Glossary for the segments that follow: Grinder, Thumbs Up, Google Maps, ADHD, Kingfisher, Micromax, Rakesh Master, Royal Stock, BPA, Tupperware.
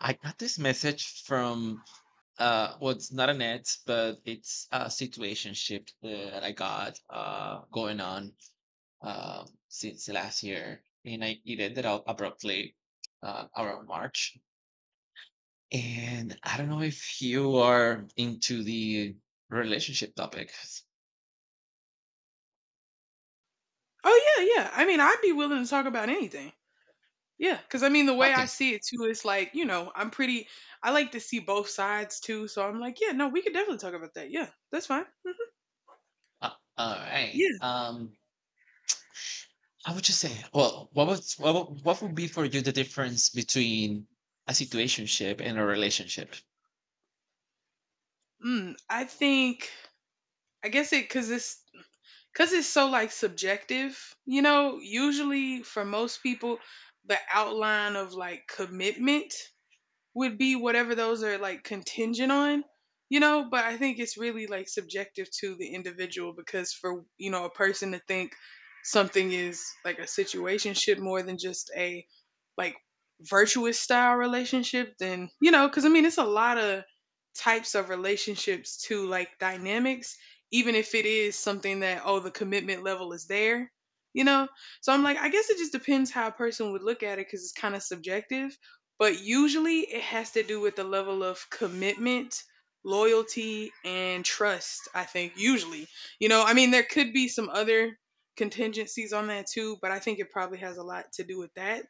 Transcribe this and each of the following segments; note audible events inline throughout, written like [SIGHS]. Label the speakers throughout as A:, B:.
A: I got this message from well, it's not an ad, but it's a situationship that I got going on since last year, and I it ended out abruptly around March. And I don't know if you are into the relationship topic.
B: Oh yeah, yeah. I mean, I'd be willing to talk about anything. Yeah, because I mean, the way
A: Okay.
B: I see it too is like, you know, I'm pretty. I like to see both sides too, so I'm like, yeah, no, we could definitely talk about that. Yeah, that's fine.
A: uh, all right.
B: Yeah.
A: I would just say, well, what would be for you the difference between a situationship and a relationship?
B: Mm, I think. I guess it because it's so like subjective. You know, usually for most people, the outline of like commitment would be whatever those are like contingent on, you know. But I think it's really like subjective to the individual, because for, you know, a person to think something is like a situationship more than just a like virtuous style relationship, then, you know, because I mean it's a lot of types of relationships to like dynamics, even if it is something that oh, the commitment level is there, you know. So I'm like, I guess it just depends how a person would look at it because it's kind of subjective, but usually it has to do with the level of commitment, loyalty, and trust, I think. Usually, you know, I mean, there could be some other contingencies on that too, but I think it probably has a lot to do with that.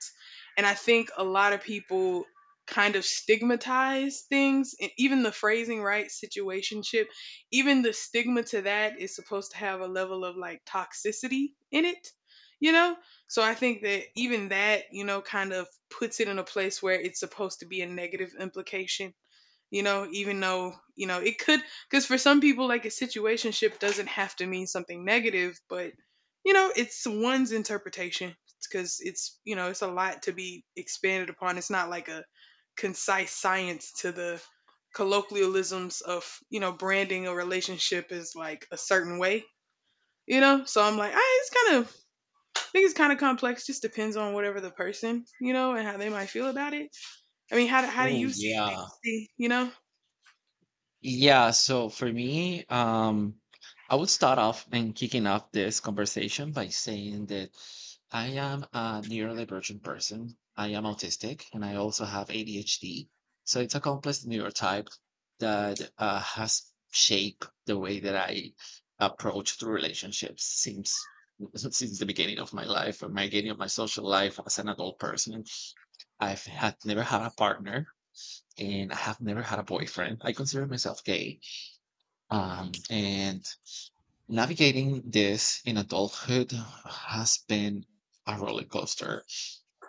B: And I think a lot of people kind of stigmatize things, and even the phrasing, right, situationship, even the stigma to that is supposed to have a level of like toxicity in it, you know. So I think that even that, you know, kind of puts it in a place where it's supposed to be a negative implication, you know, even though, you know, it could, because for some people like a situationship doesn't have to mean something negative, but you know, it's one's interpretation, because it's, you know, it's a lot to be expanded upon. It's not like a concise science to the colloquialisms of, you know, branding a relationship as like a certain way, you know? So I'm like, ah, it's kind of, I think it's kind of complex. Just depends on whatever the person, you know, and how they might feel about it. I mean, how do
A: Oh
B: you see it?
A: yeah.
B: Do you see, you know?
A: Yeah, so for me, I would start off and kicking off this conversation by saying that I am a neurodivergent person. I am autistic and I also have ADHD. So it's a complex neurotype that has shaped the way that I approach to relationships since [LAUGHS] since the beginning of my life, or my beginning of my social life as an adult person. I've had never had a partner, and I have never had a boyfriend. I consider myself gay. And navigating this in adulthood has been a roller coaster.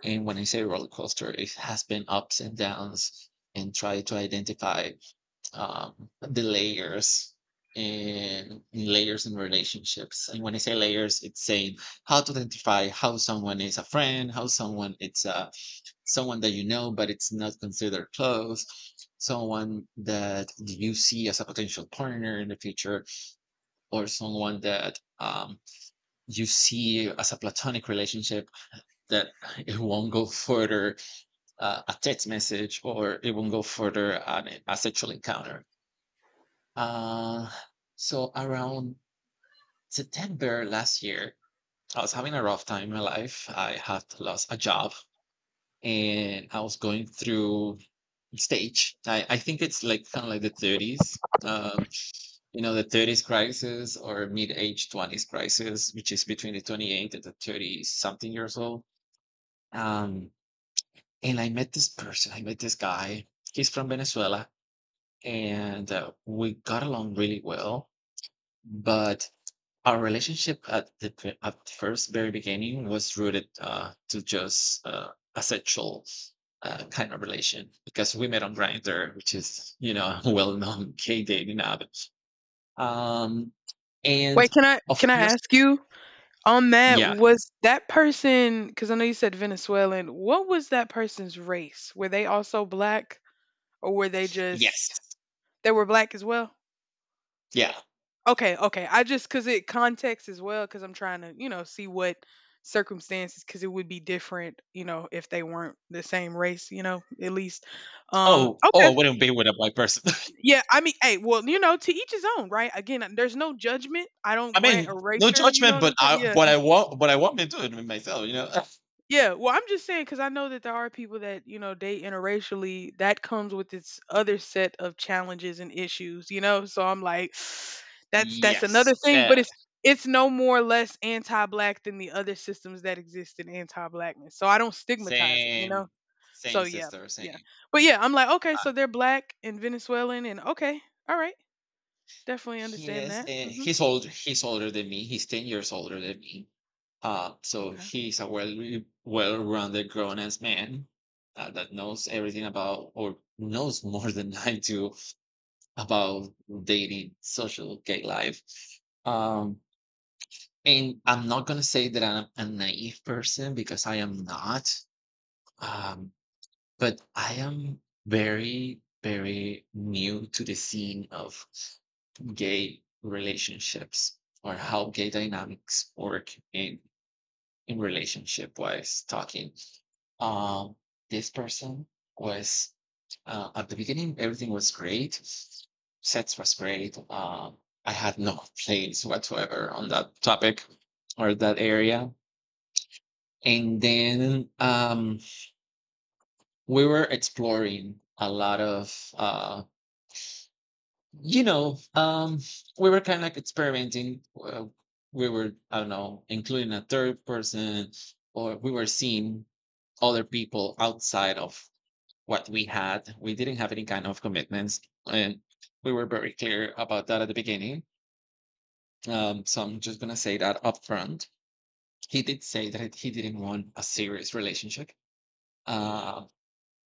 A: And when I say roller coaster, it has been ups and downs and try to identify the layers and layers in relationships. And when I say layers, it's saying how to identify how someone is a friend, how someone it's a someone that you know but it's not considered close, someone that you see as a potential partner in the future, or someone that you see as a platonic relationship that [LAUGHS] it won't go further a text message, or it won't go further on a sexual encounter. Uh, so around September last year, I was having a rough time in my life. I had lost a job, and I was going through stage. I think it's like kind of like the 30s, um, you know, the 30s crisis or mid age 20s crisis, which is between the 28 and the 30 something years old. Um, and I met this person. I met this guy. He's from Venezuela, and we got along really well. But our relationship at the first very beginning was rooted to just a sexual kind of relation, because we met on Grinder, which is, [LAUGHS] well known gay dating app. Um, and
B: Wait, can I
A: of
B: can I
A: course,
B: ask you on that?
A: yeah,
B: Was that person, because I know you said Venezuelan, what was that person's race? Were they also black, or were they
A: yes,
B: just, they were black as well?
A: yeah.
B: Okay, okay. I just, because it context as well. Because I'm trying to, you know, see what circumstances, because it would be different, you know, if they weren't the same race, you know, at least, um,
A: Oh,
B: okay.
A: I wouldn't be with a black person.
B: Yeah, I mean, hey, well, you know, to each his own, right? Again, there's no judgment. I
A: [LAUGHS]
B: don't
A: I
B: grant
A: mean, no
B: erasure. You know
A: judgment,
B: what
A: but
B: I'm saying?
A: I
B: Yeah,
A: what I want, me to do it with myself, you know. [LAUGHS]
B: yeah. Well, I'm just saying because I know that there are people that, you know, date interracially. That comes with its other set of challenges and issues. You know, so I'm like, [SIGHS] that's
A: Yes,
B: another thing. But
A: yeah,
B: it's no more or less anti-black than the other systems that exist in anti-blackness. So I don't stigmatize it. You know.
A: same,
B: So
A: same
B: yeah,
A: sister,
B: yeah.
A: same.
B: But yeah, I'm like, okay, so they're black and Venezuelan, and okay, all right, definitely
A: He
B: understand
A: is.
B: that.
A: Uh,
B: Mm-hmm.
A: he's older. He's older than me. He's 10 years older than me. So
B: Okay.
A: he's a well-rounded grown-ass man that knows everything about, or knows more [LAUGHS] than I do about dating, social, gay life. Um, and I'm not gonna say that I'm a naive person, because I am not. Um, but I am very, very new to the scene of gay relationships, or how gay dynamics work in relationship wise. Talking um this person was at the beginning, everything was great. Sex was great. I had no [LAUGHS] complaints whatsoever on that topic or that area. And then we were exploring a lot of you know, um, we were kind of like experimenting. We were, I don't know, including a third person, or we were seeing other people outside of what we had. We didn't have any kind of commitments, and we were very clear about that at the beginning. So I'm just gonna say that up front. He did say that he didn't want a serious relationship, uh,